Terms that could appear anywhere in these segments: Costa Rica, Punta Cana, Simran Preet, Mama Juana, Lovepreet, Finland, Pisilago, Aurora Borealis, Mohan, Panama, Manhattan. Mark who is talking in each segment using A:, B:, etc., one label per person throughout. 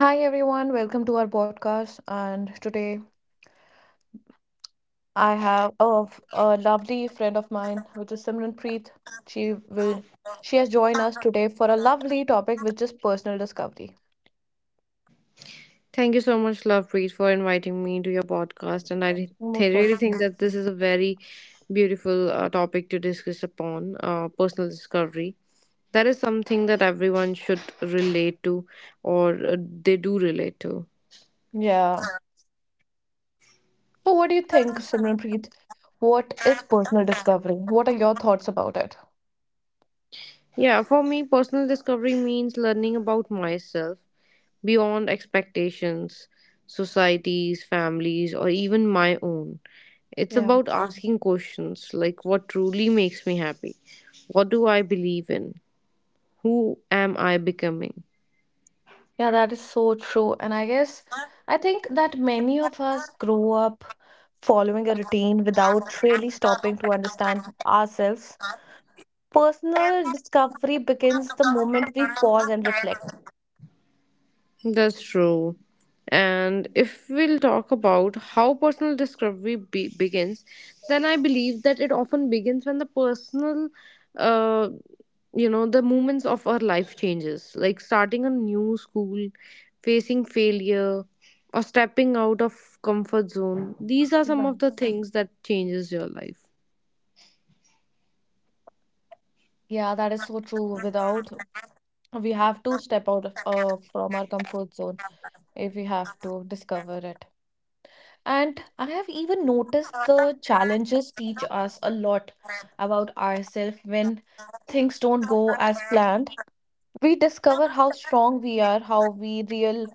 A: Hi everyone, welcome to our podcast. And today I have a lovely friend of mine, which is Simran Preet. She will she has joined us today for a lovely topic, which is personal discovery.
B: Thank you so much, Lovepreet, for inviting me to your podcast.
A: Most
B: Really think
A: welcome.
B: that this is a very beautiful topic to discuss upon personal discovery. That is something that everyone should relate to, or they do relate to.
A: Yeah. So, what do you think, Simran Preet? What is personal discovery? What are your thoughts about it?
B: Yeah, for me, personal discovery means learning about myself beyond expectations, societies, families, or even my own. It's
A: Yeah.
B: about asking questions like what truly makes me happy? What do I believe in? Who am I becoming?
A: Yeah, that is so true. And I guess I think that many of us grow up following a routine without really stopping to understand ourselves. Personal discovery begins the moment we pause and reflect.
B: That's true. And if we'll talk about how begins, then I believe that it often begins when the personal, uh, the moments of our life changes, like starting a new school, facing failure, or stepping out of comfort zone. These are some of the
A: Right.
B: things that changes your life.
A: Yeah, that is so true. Without, We have to step out of, from our comfort zone if we have to discover it. And I have even noticed the challenges teach us a lot about ourselves when things don't go as planned. We discover how strong we are,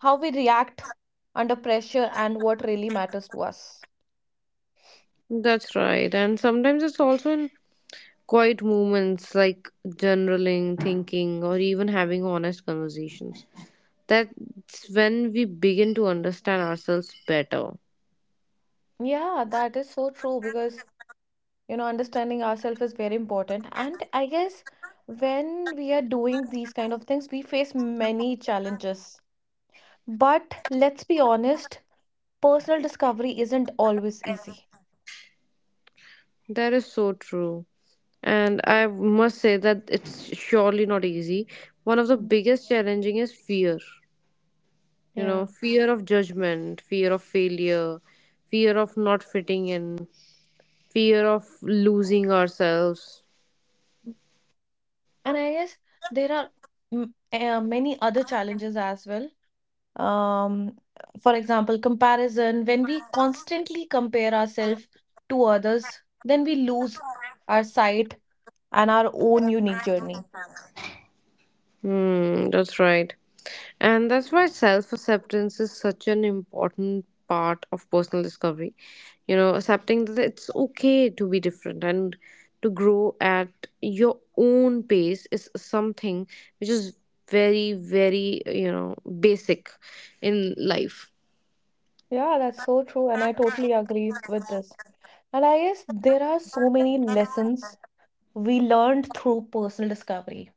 A: how we react under pressure, and what really matters to us.
B: That's right. And sometimes it's also in quiet moments like journaling, thinking, or even having honest conversations. That's when we begin to understand ourselves better.
A: Yeah, that is so true because you know understanding ourselves is very important. And I guess when we are doing these kind of things, we face many challenges. But let's be honest, personal discovery isn't always easy.
B: That is so true. And I must say that it's surely not easy. One of the
A: Mm,
B: biggest challenging is fear. You know,
A: Yeah.
B: fear of judgment, fear of failure, fear of not fitting in, fear of losing ourselves.
A: Mm, and I guess there are many other challenges as well. Um, for example, comparison. When we constantly compare ourselves to others, then we lose our sight and our own unique journey.
B: That's right. And that's why self acceptance is such an important part of personal discovery. You know, accepting that it's okay to be different and to grow at your own pace is something which is very, very, basic in life.
A: Yeah, that's so true. And I totally agree with this. And I guess there are so many lessons we learned through personal discovery.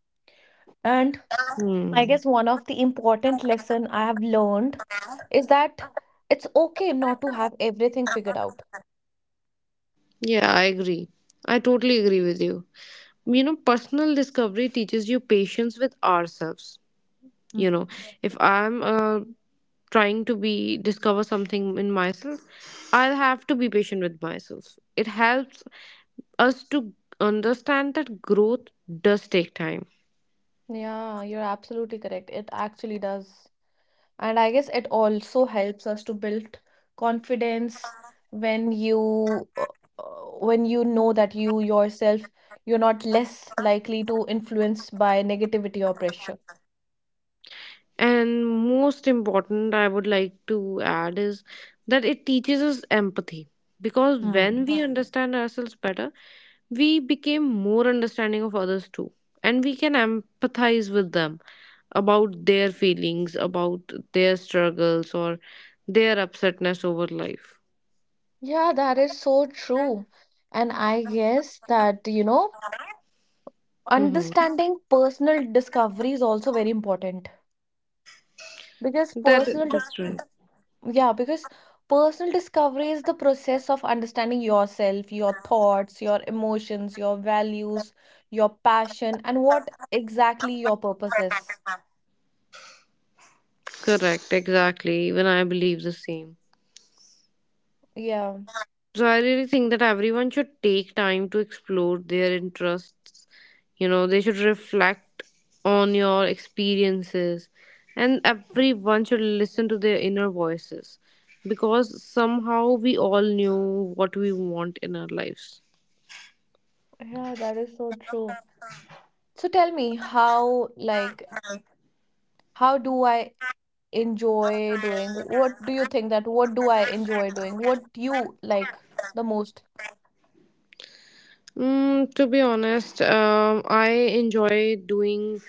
A: And I
B: Hmm.
A: guess one of the important lesson I have learned is that it's okay not to have everything figured out.
B: Yeah, I agree. I totally agree with you. You know, personal discovery teaches you patience with ourselves.
A: Mm.
B: You know, if I'm a trying to be discover something in myself, I'll have to be patient with myself. It helps us to understand that growth does take time.
A: Yeah, you're absolutely correct. It actually does. And I guess it also helps us to build confidence when you uh, uh, when you know that you yourself you're not less likely to influence by negativity or pressure.
B: And most important I would like to add is that it teaches us empathy, because when
A: Mm.
B: we understand ourselves better we became more understanding of others too, and we can empathize with them about their feelings, about their struggles or their upsetness over life.
A: Yeah, that is so true. And I guess that, you know,
B: Mhm.
A: understanding personal discovery is also very important because
B: That that's right.
A: yeah, because personal discovery is the process of understanding yourself, your thoughts, your emotions, your values, your passion, and what exactly your purpose is.
B: Correct, exactly. Even I believe the same.
A: Yeah,
B: So I really think that everyone should take time to explore their interests. You know, they should reflect on your experiences, and everyone should listen to their inner voices, because somehow we all knew what we want in our lives.
A: yeah, that is so true. So tell me, how, like, how do I enjoy doing, what do you think that what do I enjoy doing, what do you like the most?
B: Mm, to be honest, I enjoy doing—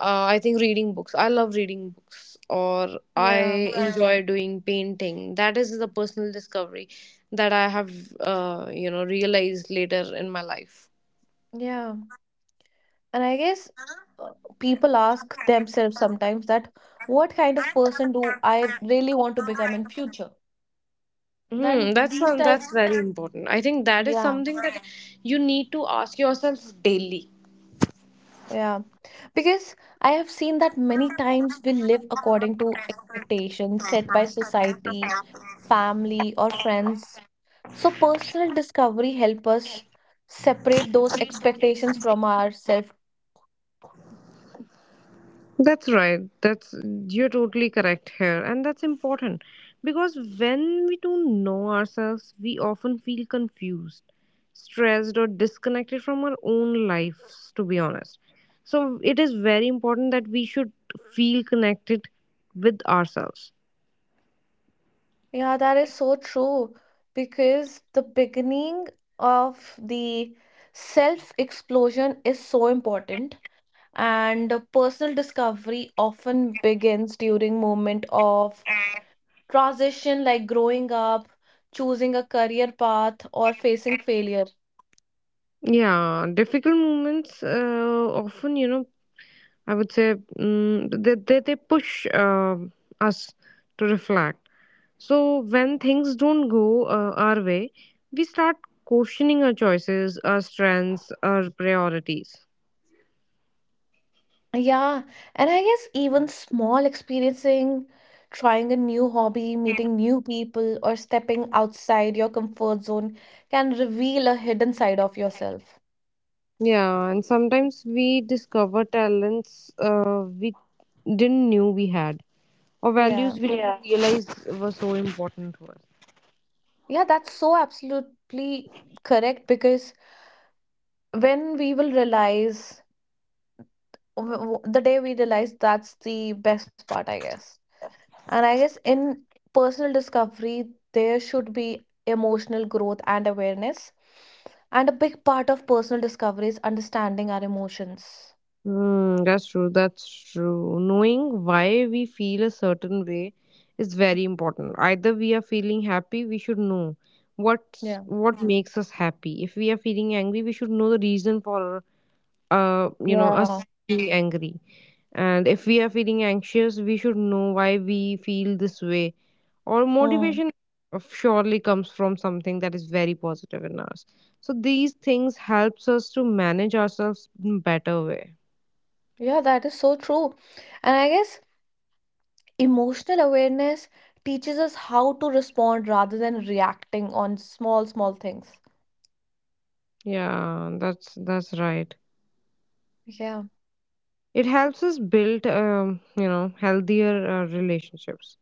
B: I think reading books. I love reading books, or I
A: Yeah,
B: enjoy doing painting. That is the personal discovery that I have, realized later in my life.
A: yeah. And I guess uh, people ask themselves sometimes that what kind of person do I really want to become in future? Then these type,
B: That's very important. I think that is
A: yeah,
B: something that you need to ask yourself daily.
A: yeah. Because I have seen that many times we live according to expectations set by society, family, or friends. So personal discovery help us separate those expectations from our self.
B: That's right. That's— you're totally correct here, and that's important because when we don't know ourselves, we often feel confused, stressed, or disconnected from our own lives, to be honest. So it is very important that we should feel connected with ourselves.
A: Yeah, that is so true because the beginning of the self explosion is so important, and personal discovery often begins during moment of transition like growing up, choosing a career path, or facing failure.
B: Yeah, difficult moments often, you know, I would say they push us to reflect. So, when things don't go our way, we start questioning our choices, our strengths, our priorities.
A: Yeah, and I guess even small experiencing, trying a new hobby, meeting new people, or stepping outside your comfort zone can reveal a hidden side of yourself.
B: Yeah, and sometimes we discover talents we didn't knew we had, or values
A: Yeah.
B: we didn't, yeah, realize were so important to us.
A: Yeah, that's so absolutely correct because when we will realize the day we realize, that's the best part, I guess. And I guess in personal discovery, there should be emotional growth and awareness. And a big part of personal discovery is understanding our emotions.
B: Mm, that's true. That's true. Knowing why we feel a certain way is very important. Either we are feeling happy, we should know what's
A: Yeah.
B: what, mm, makes us happy. If we are feeling angry, we should know the reason for us
A: Yeah.
B: being angry. And if we are feeling anxious, we should know why we feel this way. Or
A: Mm.
B: motivation surely comes from something that is very positive in us. So these things helps us to manage ourselves in better way.
A: Yeah, that is so true. And I guess emotional awareness teaches us how to respond rather than reacting on small, small things.
B: Yeah, that's right.
A: Yeah.
B: It helps us build, healthier relationships,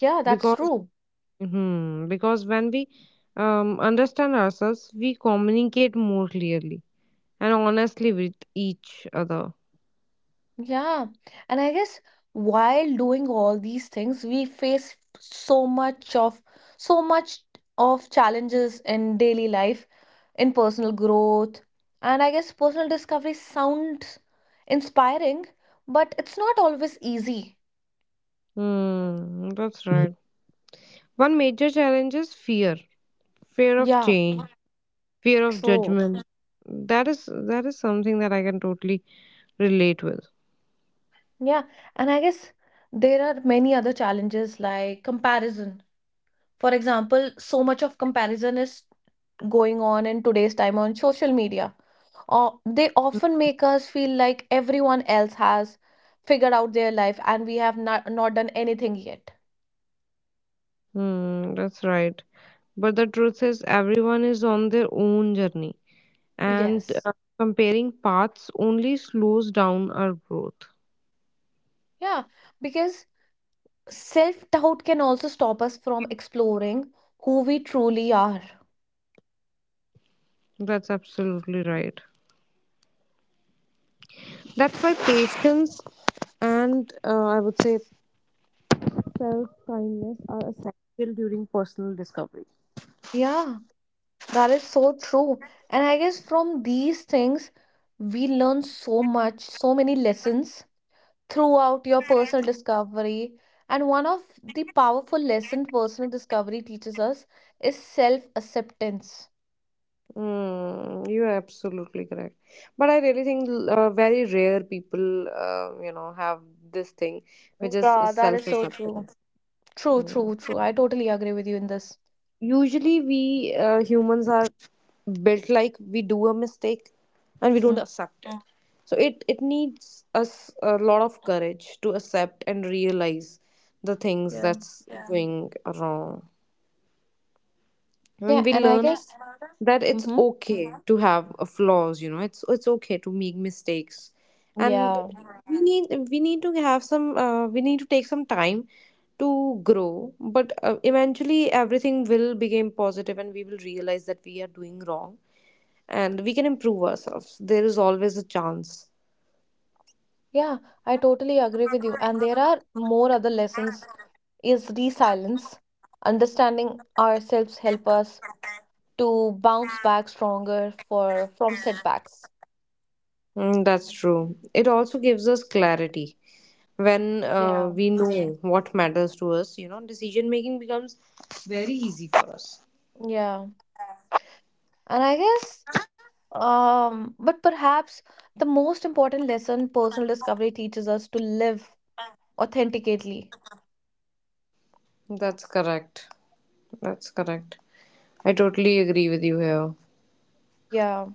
A: Yeah, that's
B: because
A: true.
B: because when we understand ourselves, we communicate more clearly and honestly with each other.
A: Yeah. And I guess while doing all these things, we face so much of challenges in daily life, in personal growth. And I guess personal discovery sounds inspiring, but it's not always easy.
B: Hmm, that's right. One major challenge is fear, fear of
A: Yeah,
B: change, fear of
A: true.
B: judgment. That is something that I can totally relate with.
A: Yeah, and I guess there are many other challenges like comparison. For example, so much of comparison is going on in today's time on social media. Or they often make us feel like everyone else has figured out their life and we have not done anything yet.
B: Hmm, that's right. But the truth is, everyone is on their own journey, and
A: Yes.
B: comparing paths only slows down our growth.
A: Yeah, because self-doubt can also stop us from exploring who we truly are.
B: That's absolutely right. That's why patience and, I would say, self kindness are essential during personal discovery.
A: Yeah. That is so true. And I guess from these things, we learn so much, so many lessons throughout your personal discovery. And one of the powerful lessons personal discovery teaches us is self-acceptance.
B: Mm, you are absolutely correct. But I really think very rare people, have this thing, which is
A: Yeah, that
B: self
A: is so true.
B: acceptance.
A: True, true, true. I totally agree with you in this.
B: Usually we, humans are built like we do a mistake and we
A: Mm.
B: don't accept it. So it needs us a lot of courage to accept and realize the things
A: Yeah.
B: that's, yeah, going wrong, and
A: Yeah,
B: we
A: and I
B: learn
A: guess,
B: that it's
A: mm-hmm.
B: okay to have a flaws. You know, it's okay to make mistakes, and
A: Yeah,
B: we need we need to have some, we need to take some time to grow, but eventually everything will become positive and we will realize that we are doing wrong and we can improve ourselves. There is always a chance.
A: yeah, I totally agree with you. And there are more other lessons is resilience. Understanding ourselves help us to bounce back stronger for from setbacks.
B: Mm, that's true. It also gives us clarity when,
A: Yeah,
B: we know, yeah, what matters to us. You know, decision making becomes very easy for us.
A: yeah. And I guess, but perhaps the most important lesson personal discovery teaches us to live authentically.
B: That's correct. That's correct. I totally agree with you here.
A: Yeah.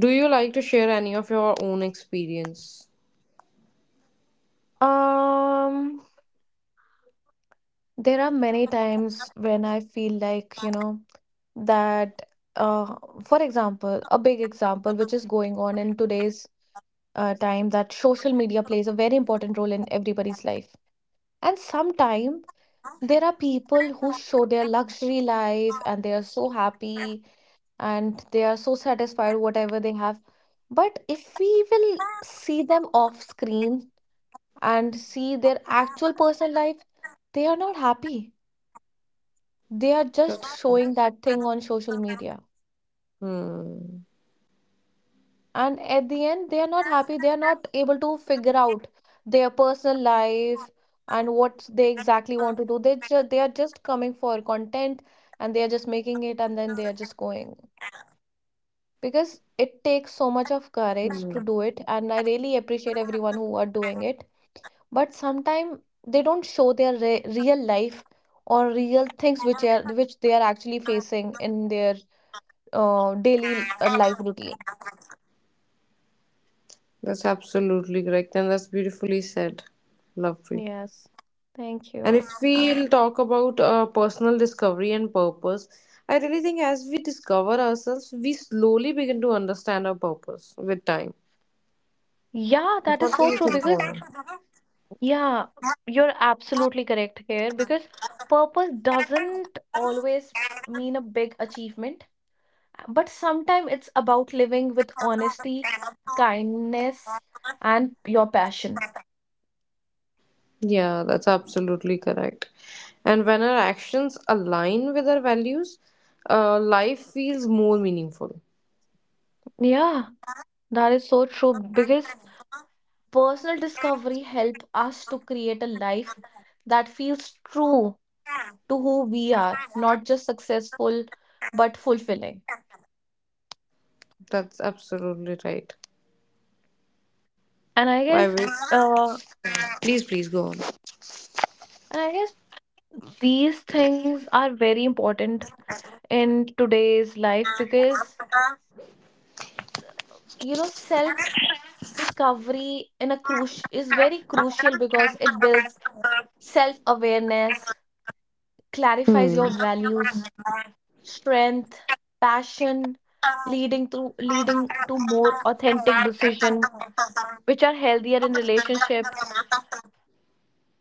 B: Do you like to share any of your own experience?
A: Um there are many times when I feel like, you know, that uh for example, a big example which is going on in today's time that social media plays a very important role in everybody's life. And sometimes there are people who show their luxury life and they are so happy and they are so satisfied whatever they have. But if we will see them off screen and see their actual personal life, they are not happy. They are
B: That's,
A: just showing that thing on social media.
B: hmm.
A: And at the end they are not happy, they are not able to figure out their personal life and what they exactly want to do. They are just coming for content and they are just making it and then they are just going, because it takes so much of courage
B: Hmm.
A: to do it and I really appreciate everyone who are doing it. But sometimes they don't show their real life or real things which are which they are actually facing in their daily life routine.
B: That's absolutely correct, and that's beautifully said, Lovely.
A: Yes, thank
B: And if
A: you.
B: we'll talk about personal discovery and purpose, I really think as we discover ourselves, we slowly begin to understand our purpose with time.
A: Yeah, that is
B: What do
A: so
B: you
A: true
B: think,
A: because,
B: Mohan?
A: yeah, you're absolutely correct here because purpose doesn't always mean a big achievement, but sometimes it's about living with honesty, kindness, and your passion.
B: Yeah, that's absolutely correct. And when our actions align with our values, life feels more meaningful.
A: Yeah, that is so true because personal discovery help us to create a life that feels true to who we are, not just successful, but fulfilling.
B: That's absolutely right.
A: And I
B: I
A: guess,
B: will.
A: uh,
B: Please, please go on.
A: and I guess these things are very important in today's life because you know self discovery in a crucial is very crucial because it builds self awareness, clarifies
B: Hmm.
A: your values, strength, passion, leading to more authentic decision which are healthier in relationship,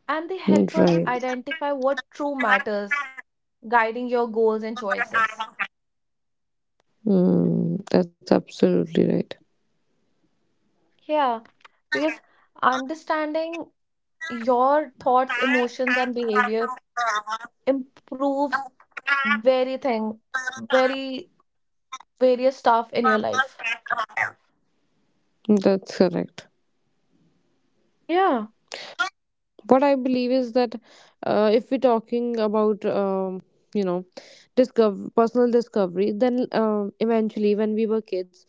A: and they help us
B: Right.
A: identify what true matters, guiding your goals and choices.
B: Hmm. That's absolutely right.
A: Yeah, because understanding your thoughts, emotions, and behavior improves very thing, very various stuff in your life.
B: That's correct.
A: Yeah.
B: What I believe is that if we're talking about you know discover personal discovery, then eventually when we were kids,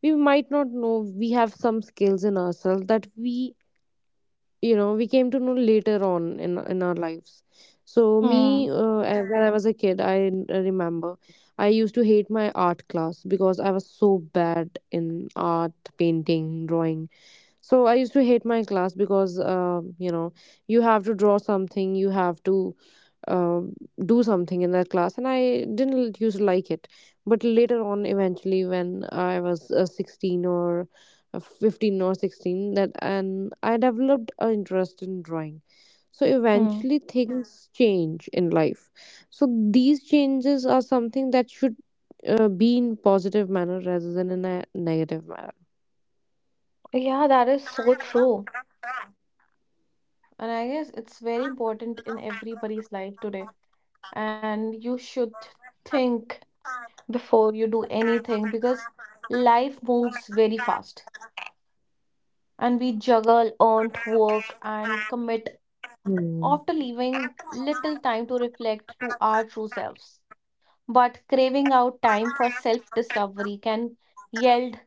B: we might not know we have some skills in ourselves that we, you know, we came to know later on in our lives. So
A: Hmm.
B: me, when I was a kid, remember I used to hate my art class because I was so bad in art, painting, drawing. So I used to hate my class because, you know, you have to draw something, you have to, um, do something in that class, and I didn't used to like it. But later on, eventually, when I was sixteen or 15 or 16, that and I developed an interest in drawing. So
A: Hmm.
B: eventually, things change in life. So these changes are something that should be in positive manner rather than in a negative manner.
A: Yeah, that is so true. And I guess it's very important in everybody's life today. And you should think before you do anything because life moves very fast. And we juggle, earn, work, and commit
B: Hmm.
A: after leaving little time to reflect to our true selves. But craving out time for self discovery can yield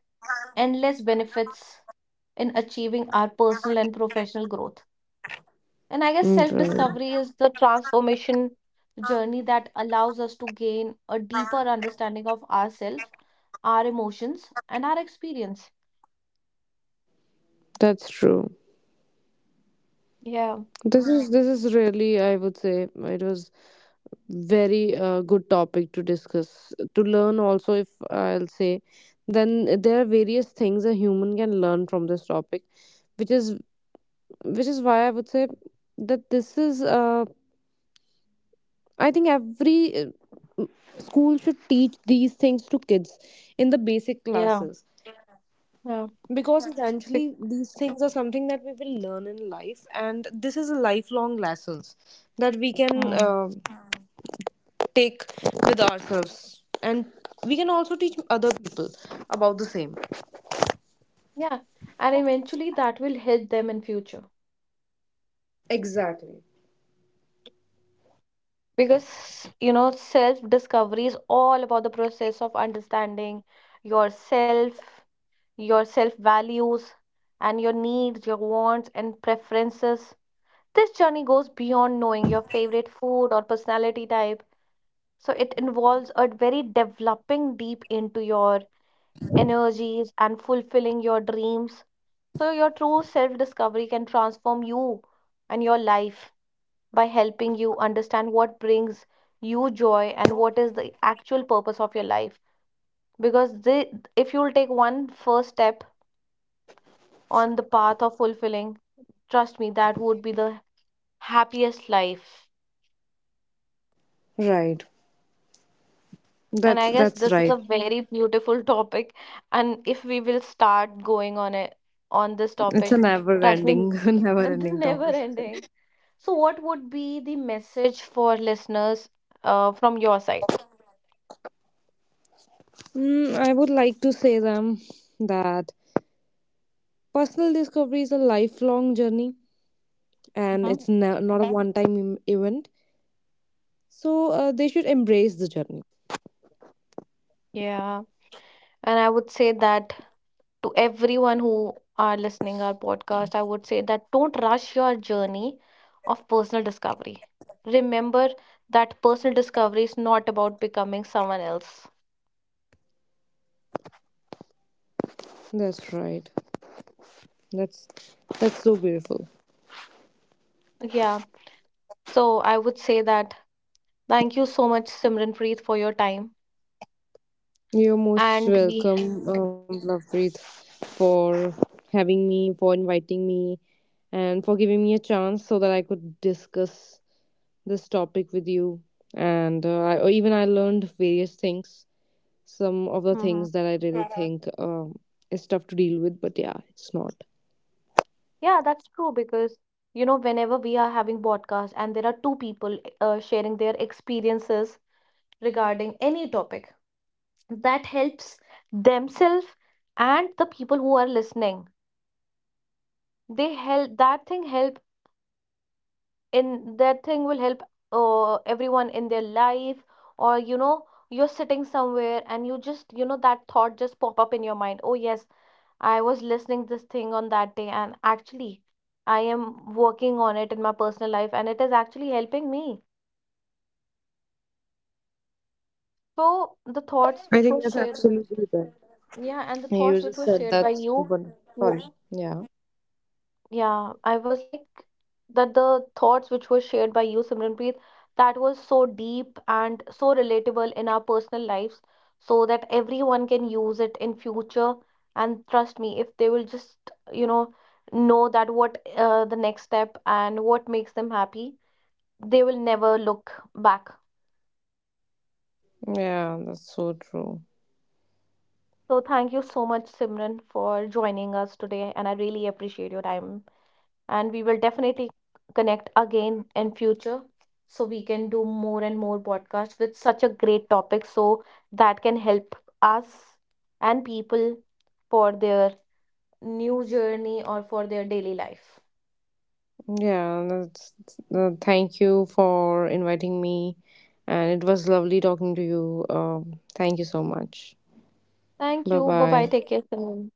A: endless benefits in achieving our personal and professional growth. And I guess
B: Mm,
A: self
B: right.
A: discovery is the transformation journey that allows us to gain a deeper understanding of ourselves, our emotions, and our experience.
B: That's true.
A: Yeah,
B: This is really, I would say, it was very good topic to discuss to learn. Also, if I'll say, then there are various things a human can learn from this topic, which is why I would say that this is. I think every m- school should teach these things to kids in the basic
A: yeah,
B: classes,
A: yeah.
B: because
A: Bec-
B: essentially these things are something that we will learn in life, and this is a lifelong lessons that we can,
A: Mm.
B: take with ourselves, and we can also teach other people about the same.
A: Yeah, and eventually that will help them in future.
B: Exactly.
A: Because you know self discovery is all about the process of understanding yourself, your self values, and your needs, your wants and preferences. This journey goes beyond knowing your favorite food or personality type, so it involves a very developing deep into your energies and fulfilling your dreams. So your true self discovery can transform you and your life by helping you understand what brings you joy and what is the actual purpose of your life. Because they, if you'll take one first step on the path of fulfilling, trust me, that would be the happiest life.
B: Right,
A: And I guess
B: that's
A: this is a
B: right.
A: very beautiful topic. And if we will start going on it on this
B: It's a
A: topic,
B: never
A: trust
B: ending
A: me,
B: never
A: it's
B: ending
A: never
B: topic.
A: ending. So, what would be the message for listeners from your side?
B: Mm, I would like to say them that personal discovery is a lifelong journey, and
A: Hmm.
B: it's no- not a one time event. So they should embrace the journey.
A: Yeah. And I would say that to everyone who are listening our podcast, I would say that don't rush your journey of personal discovery. Remember that personal discovery is not about becoming someone else.
B: That's right. That's that's so beautiful.
A: Yeah. So I would say that thank you so much, Simranpreet, for your time.
B: You're most
A: And we,
B: welcome, Lovepreet, for having me, for inviting me, and for giving me a chance so that I could discuss this topic with you. And even I learned various things. Some of the
A: hmm,
B: things that I really think is tough to deal with, but yeah, it's not.
A: yeah, that's true because you know whenever we are having podcasts and there are two people sharing their experiences regarding any topic, that helps themselves and the people who are listening. They help that thing help In that thing will help everyone in their life. Or you know, you're sitting somewhere and you just, you know, that thought just pop up in your mind, oh yes, I was listening this thing on that day and actually I am working on it in my personal life and it is actually helping me. So the thoughts
B: I
A: which were
B: think that's
A: shared with
B: absolutely right.
A: Yeah, and the
B: You
A: thoughts which
B: just
A: were
B: said
A: shared by
B: that.
A: you.
B: But— sorry. Yeah.
A: Yeah, I was like that the thoughts which were shared by you, Simranpreet, that was so deep and so relatable in our personal lives, so that everyone can use it in future. And trust me, if they will just, you know that what the next step and what makes them happy, they will never look back.
B: Yeah, that's so true.
A: So thank you so much, Simran, for joining us today, and I really appreciate your time. And we will definitely connect again in future so we can do more and more podcasts with such a great topic, so that can help us and people for their new journey or for their daily life.
B: Yeah, that's, thank you for inviting me, and it was lovely talking to you. Thank you so much.
A: Thank
B: Bye
A: you. Bye
B: bye.
A: bye. Take care. Simran.